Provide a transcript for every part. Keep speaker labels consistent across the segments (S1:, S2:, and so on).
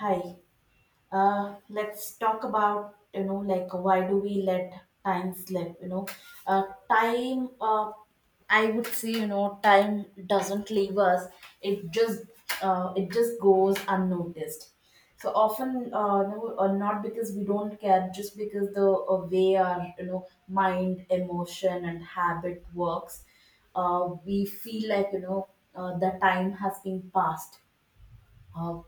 S1: Hi. Let's talk about why do we let time slip? Time. I would say time doesn't leave us. It just it just goes unnoticed. So often, not because we don't care, just because the way our mind, emotion, and habit works, we feel like the time has been passed. uh,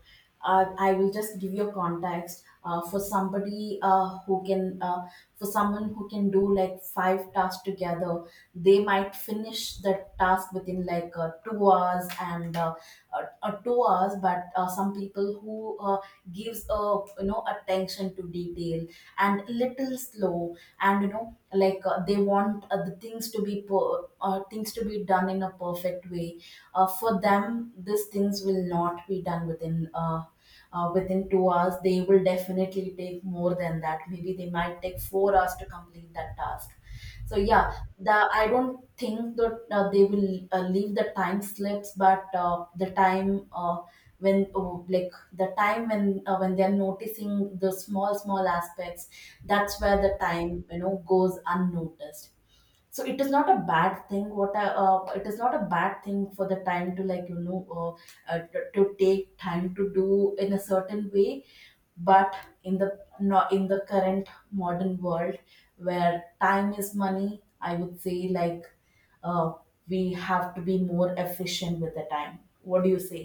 S1: I will just give you a context for somebody who can, for someone who can do like five tasks together. They might finish the task within 2 hours, and 2 hours. But some people who gives a attention to detail and little slow, and they want the things to be done in a perfect way. For them these things will not be done within 2 hours. They will definitely take more than that. Maybe they might take 4 hours to complete that task. So yeah, the I don't think that they will leave the time slips. But the time, like the time when they're noticing the small small aspects, that's where the time goes unnoticed. So it is not a bad thing. It is not a bad thing for the time to to take time to do in a certain way. But in the not in the current modern world, where time is money, I would say, uh, we have to be more efficient with the time. What do you say?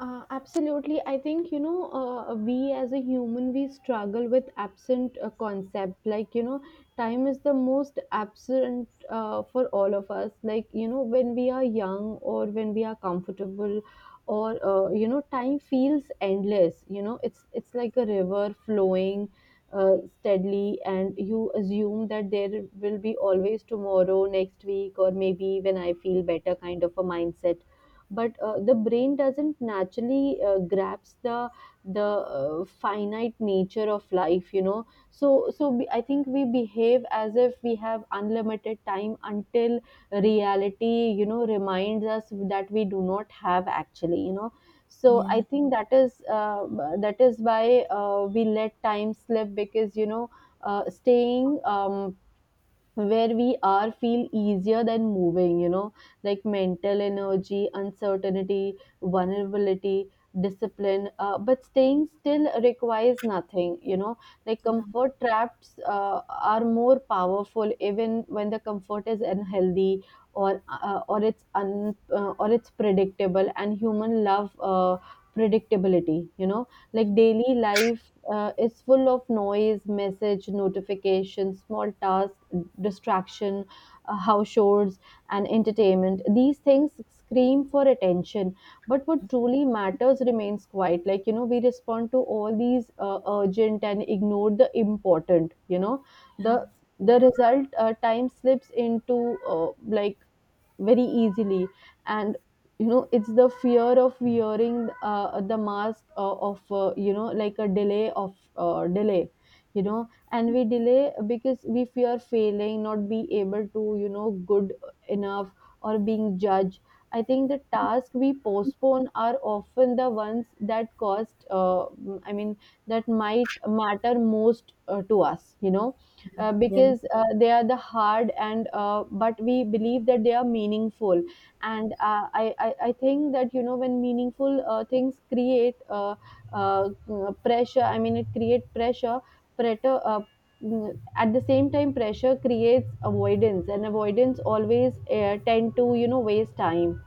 S2: Absolutely. I think, we as a human, we struggle with absent concept. Like, you know, time is the most absent for all of us. Like, you know, when we are young or when we are comfortable or, you know, time feels endless. You know, it's like a river flowing steadily, and you assume that there will be always tomorrow, next week, or maybe when I feel better, kind of a mindset. But the brain doesn't naturally grasp the finite nature of life, you know, so we, I think we behave as if we have unlimited time until reality, you know, reminds us that we do not have, actually, you know. So
S1: Yeah,
S2: I think that is why we let time slip, because, you know, staying where we are feel easier than moving, you know. Like mental energy, uncertainty, vulnerability, discipline, but staying still requires nothing, you know. Like
S1: yeah,
S2: comfort traps are more powerful even when the comfort is unhealthy, or it's un or it's predictable, and human love predictability, you know. Like daily life is full of noise, message notification, small tasks, distraction, house chores, and entertainment. These things scream for attention, but what truly matters remains quiet. Like, you know, we respond to all these urgent and ignore the important, you know. the
S1: yeah.
S2: the result, time slips into like very easily. And you know, it's the fear of wearing the mask of you know, like a delay of delay, you know. And we delay because we fear failing, not be able to, you know, good enough, or being judged. I think the tasks we postpone are often the ones that cost i mean that might matter most to us, you know.
S1: Yeah.
S2: Because they are the hard, and but we believe that they are meaningful. And I think that, you know, when meaningful things create uh, pressure, it create pressure. Pressure, at the same time, pressure creates avoidance, and avoidance always tend to, you know, waste time.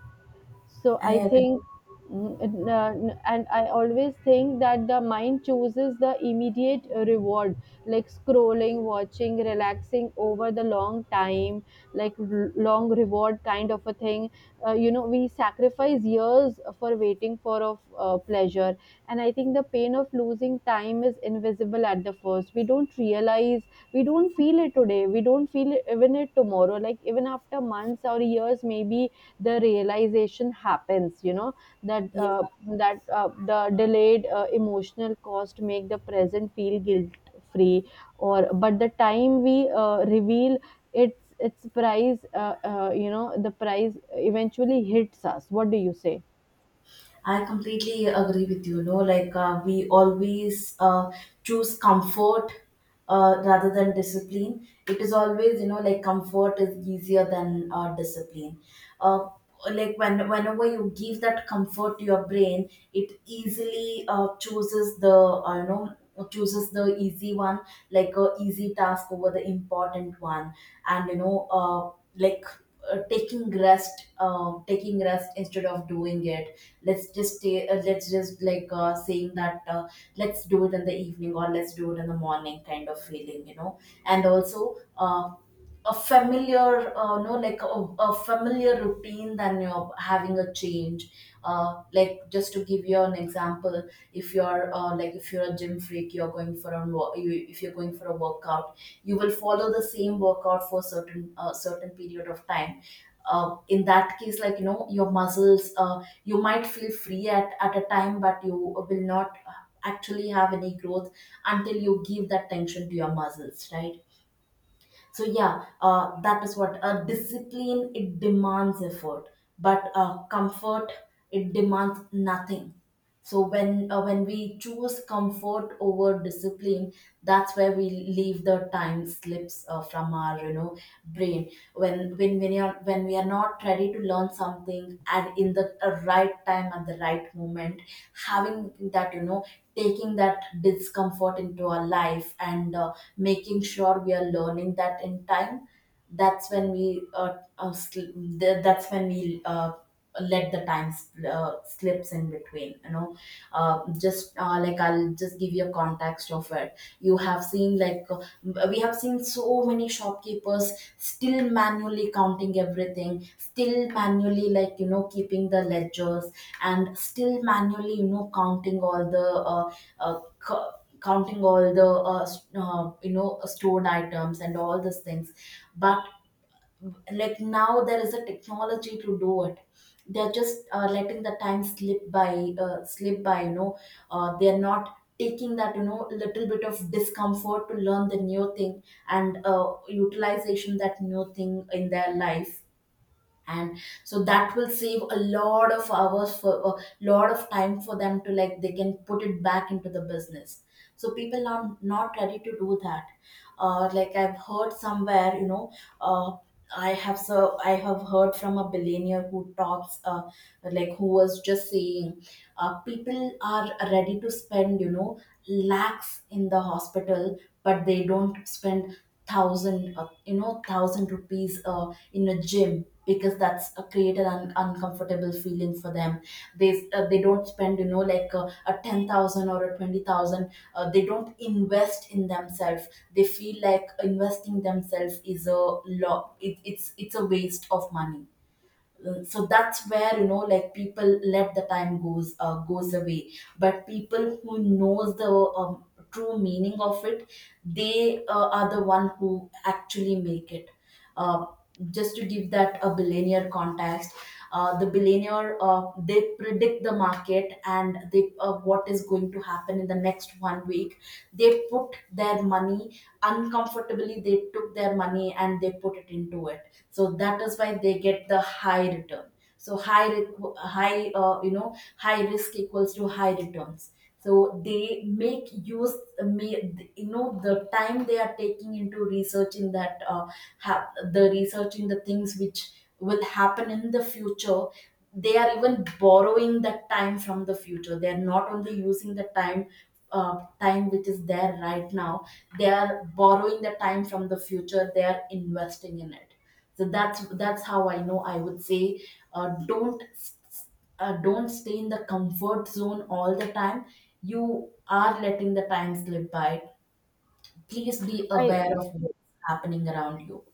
S2: So I
S1: I agree.
S2: think and I always think that the mind chooses the immediate reward, like scrolling, watching, relaxing over the long time, like long reward kind of a thing. You know, we sacrifice years for waiting for of pleasure. And I think the pain of losing time is invisible at the first. We don't realize, we don't feel it today, we don't feel it even it tomorrow, like even after months or years. Maybe the realization happens, you know, that uh, that the delayed emotional cost make the present feel guilt free or but the time we reveal its price, you know, the price eventually hits us. What do you say?
S1: I completely agree with you. You know, we always choose comfort rather than discipline. It is always, you know, like comfort is easier than discipline. uh, Whenever you give that comfort to your brain, it easily chooses the you know chooses the easy one, like a easy task over the important one. And like taking rest, taking rest instead of doing it. Let's just stay let's just saying that let's do it in the evening or let's do it in the morning, kind of feeling and also a familiar no like a familiar routine than you're having a change. Like just to give you an example, if you're if you're a gym freak, you're going for a if you're going for a workout, you will follow the same workout for certain period of time. In that case, like you know, your muscles, you might feel free at a time, but you will not actually have any growth until you give that tension to your muscles, right? So yeah, that is what discipline, it demands effort. But comfort, it demands nothing. So when we choose comfort over discipline, that's where we leave the time slips from our brain. When we are not ready to learn something and in the right time at the right moment, having that taking that discomfort into our life, and making sure we are learning that in time, that's when we that's when we let the slips in between. Just like I'll just give you a context of it. You have seen, we have seen so many shopkeepers still manually counting everything, still manually keeping the ledgers, and still manually uh, uh, counting all the stored items and all these things. But like now there is a technology to do it. They're just letting the time slip by slip by They're not taking that little bit of discomfort to learn the new thing, and utilization that new thing in their life. And so that will save a lot of hours, for a lot of time for them, to like they can put it back into the business. So people are not ready to do that. I've heard somewhere uh, I have heard from a billionaire who talks, like who was just saying, people are ready to spend lakhs in the hospital, but they don't spend thousand, thousand rupees in a gym, because that's create an uncomfortable feeling for them. They don't spend, a 10,000 or a 20,000. They don't invest in themselves. They feel like investing themselves is a lot. It's a waste of money. So that's where people let the time goes away. But people who knows the um, true meaning of it, they are the one who actually make it. uh, just to give that a billionaire context, the billionaire, they predict the market, and they, what is going to happen in the next one week. They put their money uncomfortably, they took their money and they put it into it. So that is why they get the high return. So high, high risk equals to high returns. So they make use, may you know, the time they are taking into have researching the things which will happen in the future. They are even borrowing that time from the future. They are not only using the time, time which is there right now. They are borrowing the time from the future, they are investing in it. So that's how, I know, I would say, don't s- s- don't stay in the comfort zone all the time. You are letting the time slip by. Please be
S2: I
S1: aware of what's happening around you.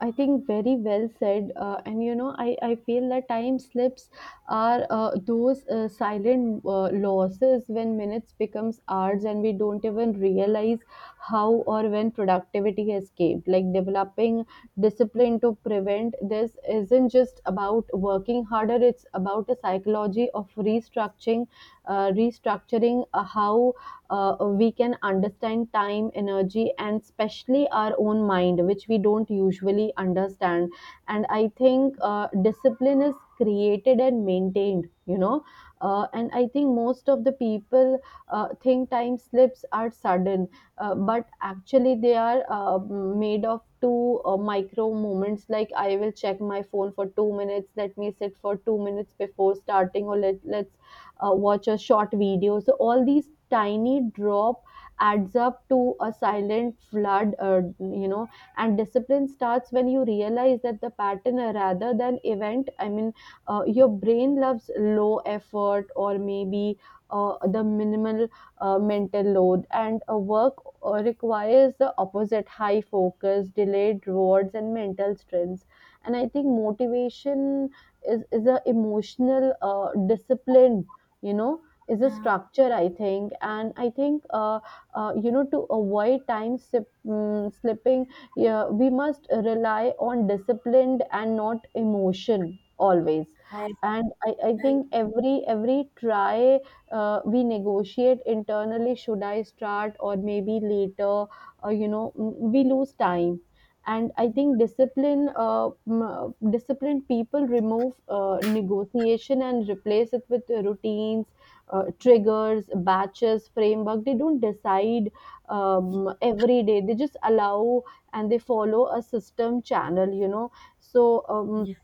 S2: I think very well said. And you know, I feel that time slips are those silent losses, when minutes becomes hours and we don't even realize how or when productivity escaped. Like developing discipline to prevent this isn't just about working harder. It's about a psychology of restructuring, restructuring how we can understand time, energy, and especially our own mind, which we don't usually understand. And I think discipline is created and maintained, you know. And I think most of the people think time slips are sudden, but actually they are made of two micro moments, like I will check my phone for 2 minutes, let me sit for 2 minutes before starting, or let's watch a short video. So all these tiny drop adds up to a silent flood, you know. And discipline starts when you realize that the pattern rather than event. Your brain loves low effort, or maybe the minimal mental load, and work requires the opposite: high focus, delayed rewards, and mental strengths. And I think motivation is a emotional discipline, you know, is a structure, I think. And I think you know, to avoid time slipping, yeah, we must rely on discipline and not emotion always.
S1: I,
S2: And I
S1: I
S2: think every try, we negotiate internally, should I start or maybe later. You know, we lose time. And I think disciplined people remove negotiation and replace it with routines, triggers, batches, framework. They don't decide every day, they just allow, and they follow a system channel, you know. So um,
S1: Yeah,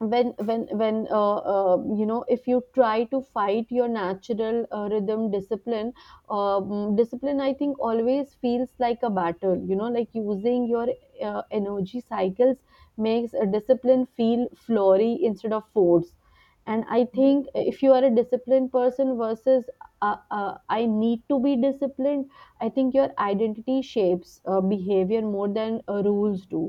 S2: when when you know, if you try to fight your natural rhythm, discipline, I think, always feels like a battle, you know, like using your energy cycles makes a discipline feel flory instead of force. And I
S1: yeah,
S2: think, if you are a disciplined person versus I need to be disciplined, I think your identity shapes behavior more than rules do.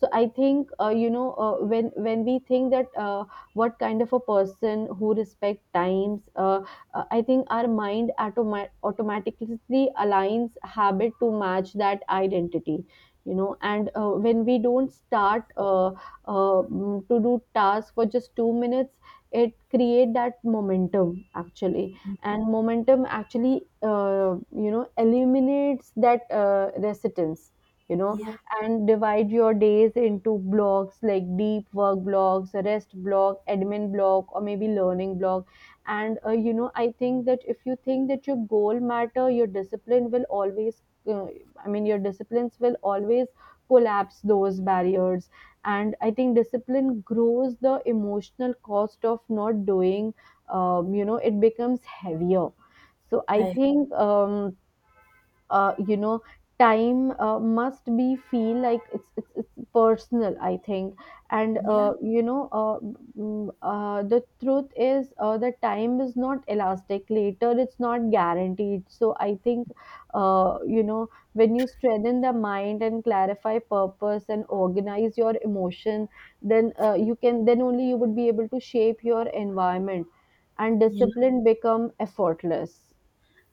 S2: So I think you know, when we think that what kind of a person who respect times, I think our mind automatically aligns habit to match that identity, you know. And when we don't start to do tasks for just 2 minutes, it create that momentum, actually. And momentum actually uh, you know, eliminates that resistance, you know.
S1: yeah,
S2: And divide your days into blocks, like deep work blocks, rest block, admin block, or maybe learning block. And you know, I think that if you think that your goal matter, your discipline will always uh, your disciplines will always collapse those barriers. And I think discipline grows the emotional cost of not doing, you know, it becomes heavier. So I
S1: I,
S2: think you know, time must be feel like it's personal, I think. And
S1: yeah,
S2: you know, the truth is, the time is not elastic, later it's not guaranteed. So I think you know, when you strengthen the mind, and clarify purpose, and organize your emotion, then you can then only you would be able to shape your environment, and
S1: yeah.
S2: discipline become effortless.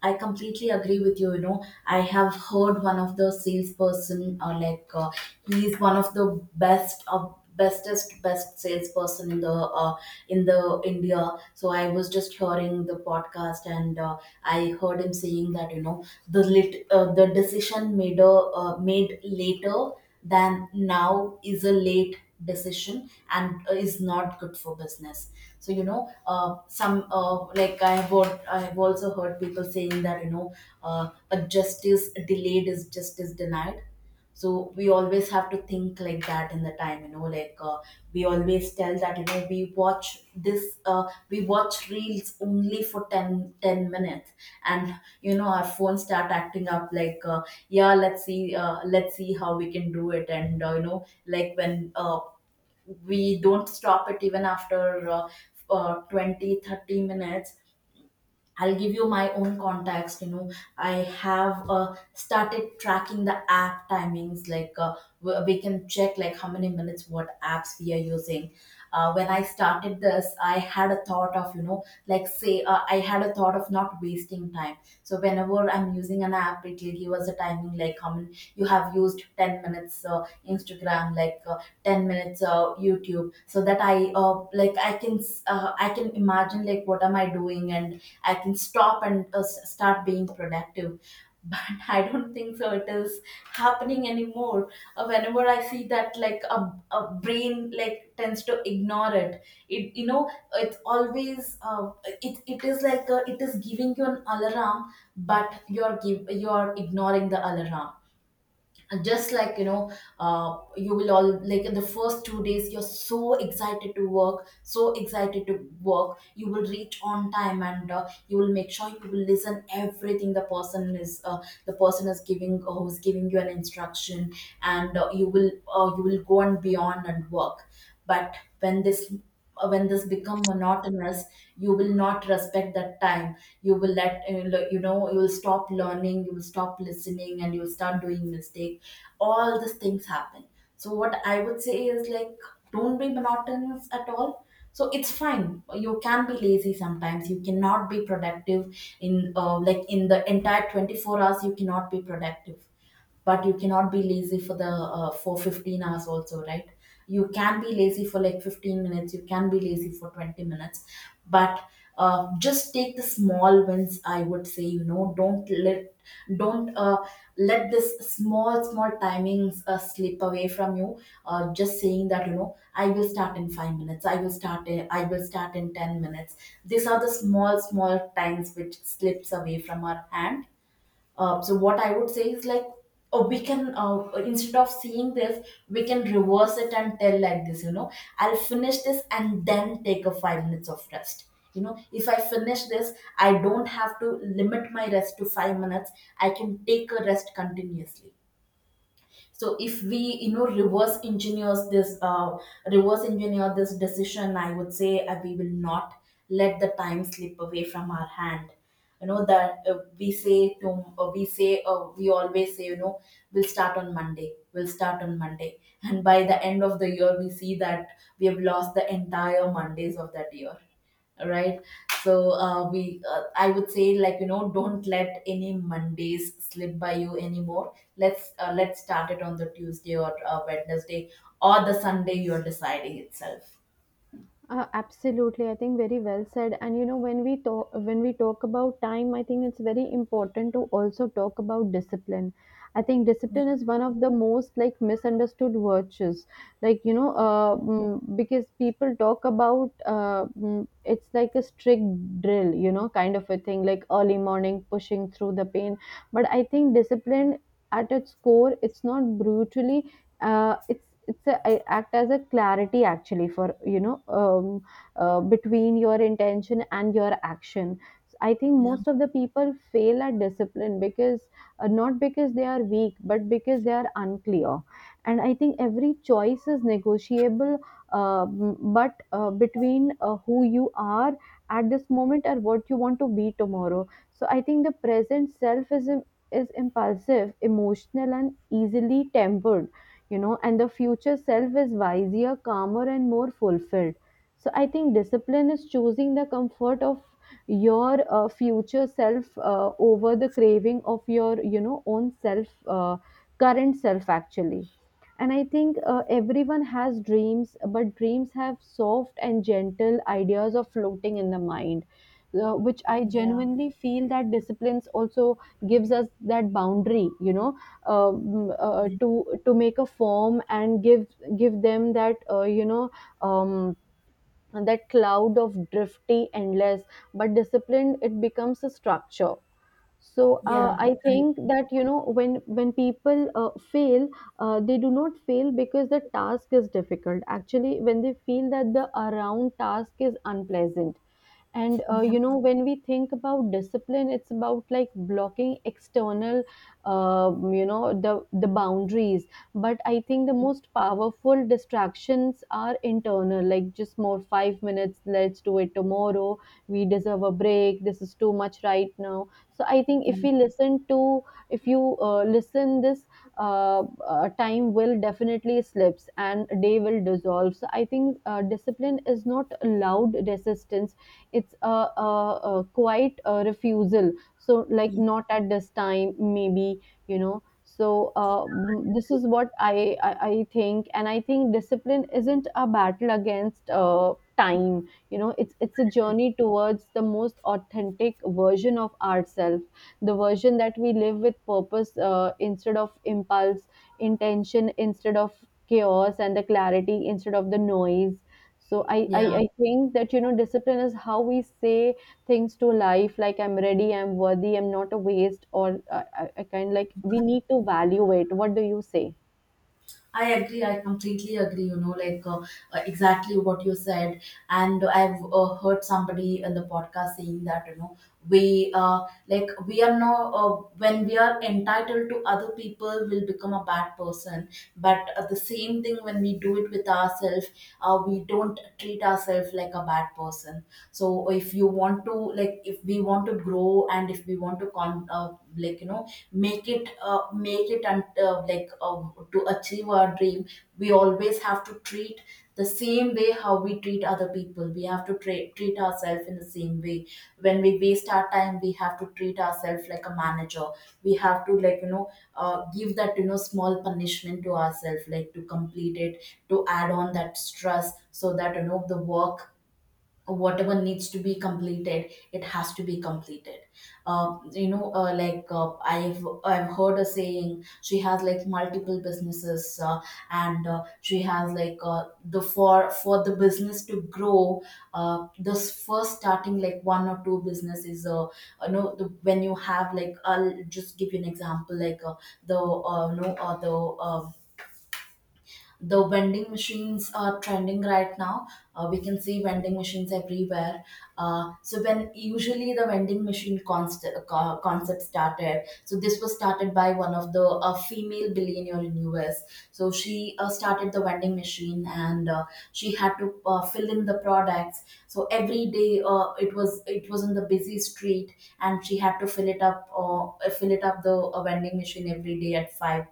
S1: I completely agree with you. You know, I have heard one of the salesperson, or he is one of the best of bestest best salesperson in the India. So I was just hearing the podcast, and I heard him saying that you know the decision made, made later than now is a late decision and is not good for business. So you know some like I have al- I have also heard people saying that a justice delayed is justice denied. So we always have to think like that in the time, we always tell that you know we watch this we watch reels only for 10 10 minutes. And you know our phones start acting up, yeah, let's see, let's see how we can do it. And you know like when we don't stop it even after 20 30 minutes. I'll give you my own contacts. You know, I have started tracking the app timings. We can check like how many minutes, what apps we are using. When I started this, I had a thought of, you know, like say I had a thought of not wasting time. So whenever I'm using an app, it will give us a timing like how many, you have used 10 minutes Instagram, 10 minutes YouTube, so that I can I can imagine like what am I doing, and I can stop and start being productive. But I don't think so. It is happening anymore. Whenever I see that, a brain like tends to ignore it. It you know it's always, it is like, it is giving you an alarm, but you're ignoring the alarm. And just like, you will all, like, in the first 2 days, you're so excited to work, so excited to work, you will reach on time. And you will make sure, you will listen everything the person is giving, who's giving you an instruction. And you will go and beyond and work. But when this when this become monotonous, you will not respect that time. You will let le- you know you will stop learning, you will stop listening, and you will start doing mistake. All these things happen. So what I would say is, like, don't be monotonous at all. So it's fine, you can be lazy sometimes, you cannot be productive. In, like, in the entire 24 hours, you cannot be productive. But you cannot be lazy for the for 15 hours also, right? You can be lazy for, like, 15 minutes, you can be lazy for 20 minutes. But just take the small wins, I would say. Don't let this small small timings slip away from you. Just saying that, I will start in 5 minutes, I will start in 10 minutes. These are the small small times which slips away from our hand. So what I would say is, like, we can, instead of seeing this, we can reverse it and tell like this. You know, I'll finish this and then take a 5 minutes of rest. You know, if I finish this, I don't have to limit my rest to 5 minutes. I can take a rest continuously. So if we, reverse engineers this, reverse engineer this decision, I would say, we will not let the time slip away from our hand. You know that we say to we say We always say, we'll start on Monday, we'll start on Monday, and by the end of the year we see that we have lost the entire Mondays of that year, right? So uh, we uh, I would say, like, don't let any Mondays slip by you anymore. Let's let's start it on the Tuesday or Wednesday or the Sunday, you're deciding itself.
S2: Absolutely, I think very well said. And you know, when we talk about time, I think it's very important to also talk about discipline. I think discipline is one of the most like misunderstood virtues. Like you know, because people talk about it's like a strict drill, you know, kind of a thing, like early morning pushing through the pain. But I think discipline at its core, it's not brutally uh, it's it's a I act as a clarity actually for you know between your intention and your action. So, I think
S1: Yeah.
S2: most of the people fail at discipline because not because they are weak but because they are unclear. And I think every choice is negotiable, um, but between who you are at this moment and what you want to be tomorrow. So I think the present self is impulsive, emotional, and easily tempered, you know. And the future self is wiser, calmer, and more fulfilled. So I think discipline is choosing the comfort of your future self over the craving of your, you know, own self, current self actually. And I think everyone has dreams, but dreams have soft and gentle ideas of floating in the mind, which I
S1: Yeah.
S2: genuinely feel that disciplines also gives us that boundary, you know. To make a form and give give them that you know, um, that cloud of drifty endless. But disciplined, it becomes a structure. So
S1: Yeah,
S2: I think that, you know, when people fail, they do not fail because the task is difficult, actually when they feel that the around task is unpleasant. And
S1: yeah.
S2: you know, when we think about discipline, it's about like blocking external you know, the boundaries. But I think the most powerful distractions are internal, like just more 5 minutes, let's do it tomorrow, we deserve a break, this is too much right now. So I think if we listen to, if you listen this, time will definitely slips and day will dissolve. So I think discipline is not loud resistance, it's a, a quite a refusal. So like, not at this time maybe, you know. So this is what I think. And I think discipline isn't a battle against time, you know, it's a journey towards the most authentic version of ourselves, the version that we live with purpose instead of impulse, intention instead of chaos, and the clarity instead of the noise. So I, I
S1: Yeah.
S2: i think that, you know, discipline is how we say things to life, like I'm ready, I'm worthy, I'm not a waste. Or I kind of like we need to value it. What do you say?
S1: I agree. I completely agree. You know, like, exactly what you said. And I've heard somebody in the podcast saying that, you know, we, like, we are no, when we are entitled to other people, will become a bad person. But the same thing when we do it with ourselves, we don't treat ourselves like a bad person. So if you want to, like, if we want to grow and if we want to con like, you know, make it, and like, to achieve our dream, we always have to treat the same way how we treat other people. We have to treat ourselves in the same way. When we waste our time, we have to treat ourselves like a manager. We have to, like, give that, you know, small punishment to ourselves, like, to complete it, to add on that stress so that, the work, whatever needs to be completed, it has to be completed. I've heard a saying, she has like multiple businesses, and she has, like, the for the business to grow, this first starting like one or two businesses, you know, the, when you have, like, I'll just give you an example, like, the you know the vending machines are trending right now. We can see vending machines everywhere. So when usually the vending machine concept started, so this was started by one of the, female billionaire in US. So she started the vending machine, and she had to fill in the products. So every day, it was in the busy street, and she had to fill it up, or fill it up the, vending machine every day at five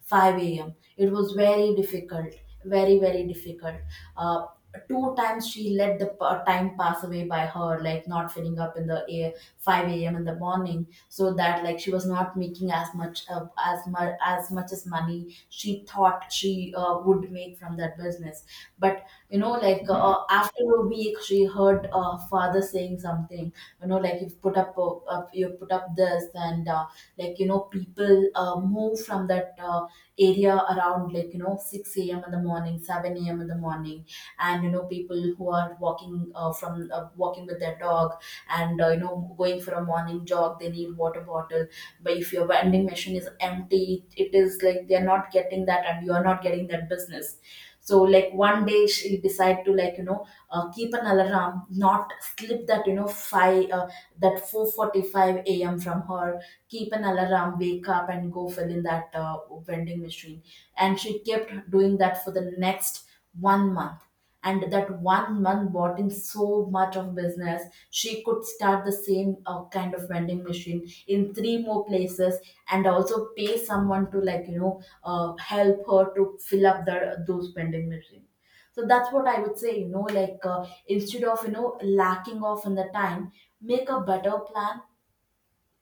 S1: 5 a.m. It was very difficult, very, very difficult. Uh, Two times she let the time pass away by her, like not filling up in the air 5 a.m. in the morning, so that, like, she was not making as much, as money she thought she would make from that business. But, you know, like, after a week, she heard, father saying something. You know, like, you've put up, you put up this and. Like, you know, people, move from that, area around, like, you know, 6 a.m in the morning, 7 a.m in the morning. And, you know, people who are walking, from walking with their dog, and, you know, going for a morning jog, they need water bottle. But if your vending machine is empty, it is like they're not getting that, and you are not getting that business. So, like, one day she decide to, like, keep an alarm, not slip that, you know, 5 that 4:45 a.m. from her. Keep an alarm, wake up and go fill in that, vending machine. And she kept doing that for the next one month, and that one month bought in so much of business, she could start the same, kind of vending machine in three more places, and also pay someone to, like, help her to fill up the, those vending machines. So that's what I would say, you know, like, instead of, lacking off in the time, make a better plan.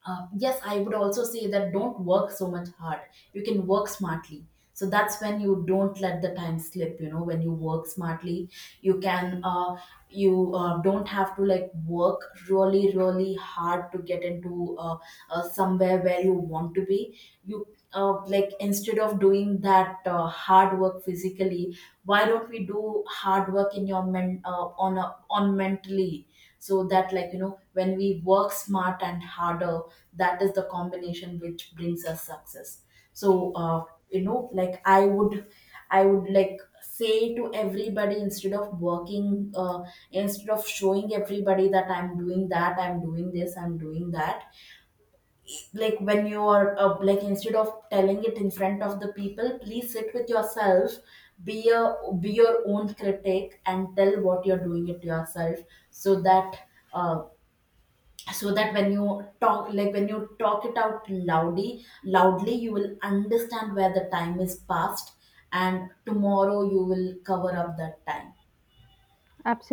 S1: Yes, I would also say that, don't work so much hard. You can work smartly. So that's when you don't let the time slip. You know, when you work smartly, you can, you don't have to, like, work really, really hard to get into, somewhere where you want to be. You, like, instead of doing that, hard work physically, why don't we do hard work in your men on mentally? So that, like, you know, when we work smart and harder, that is the combination which brings us success. So you know, like, I would, like, say to everybody, instead of working, instead of showing everybody that I'm doing that, I'm doing this, I'm doing that. Like when you are, like, instead of telling it in front of the people, please sit with yourself. Be a be your own critic and tell what you're doing it to yourself. So that uh, when you talk, like, when you talk it out loudly loudly, you will understand where the time is passed, and tomorrow you will cover up that time.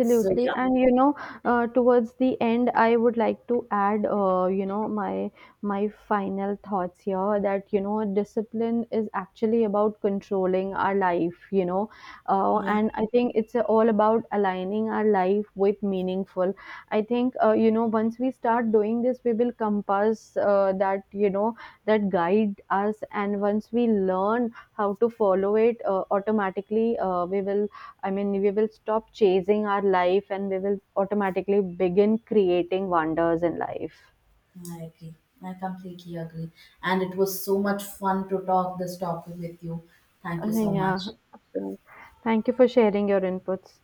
S1: So yeah,
S2: And you know, towards the end, I would like to add, you know, my final thoughts here, that you know, discipline is actually about controlling our life, you know,
S1: yeah,
S2: and I think it's all about aligning our life with meaningful. I think, you know, once we start doing this, we will compass that you know that guide us, and once we learn how to follow it, automatically, we will stop chasing our life and we will automatically begin creating wonders in life.
S1: I agree, I completely agree, and it was so much fun to talk this topic with you. Thank you so
S2: Yeah,
S1: much.
S2: absolutely. Thank you for sharing your inputs.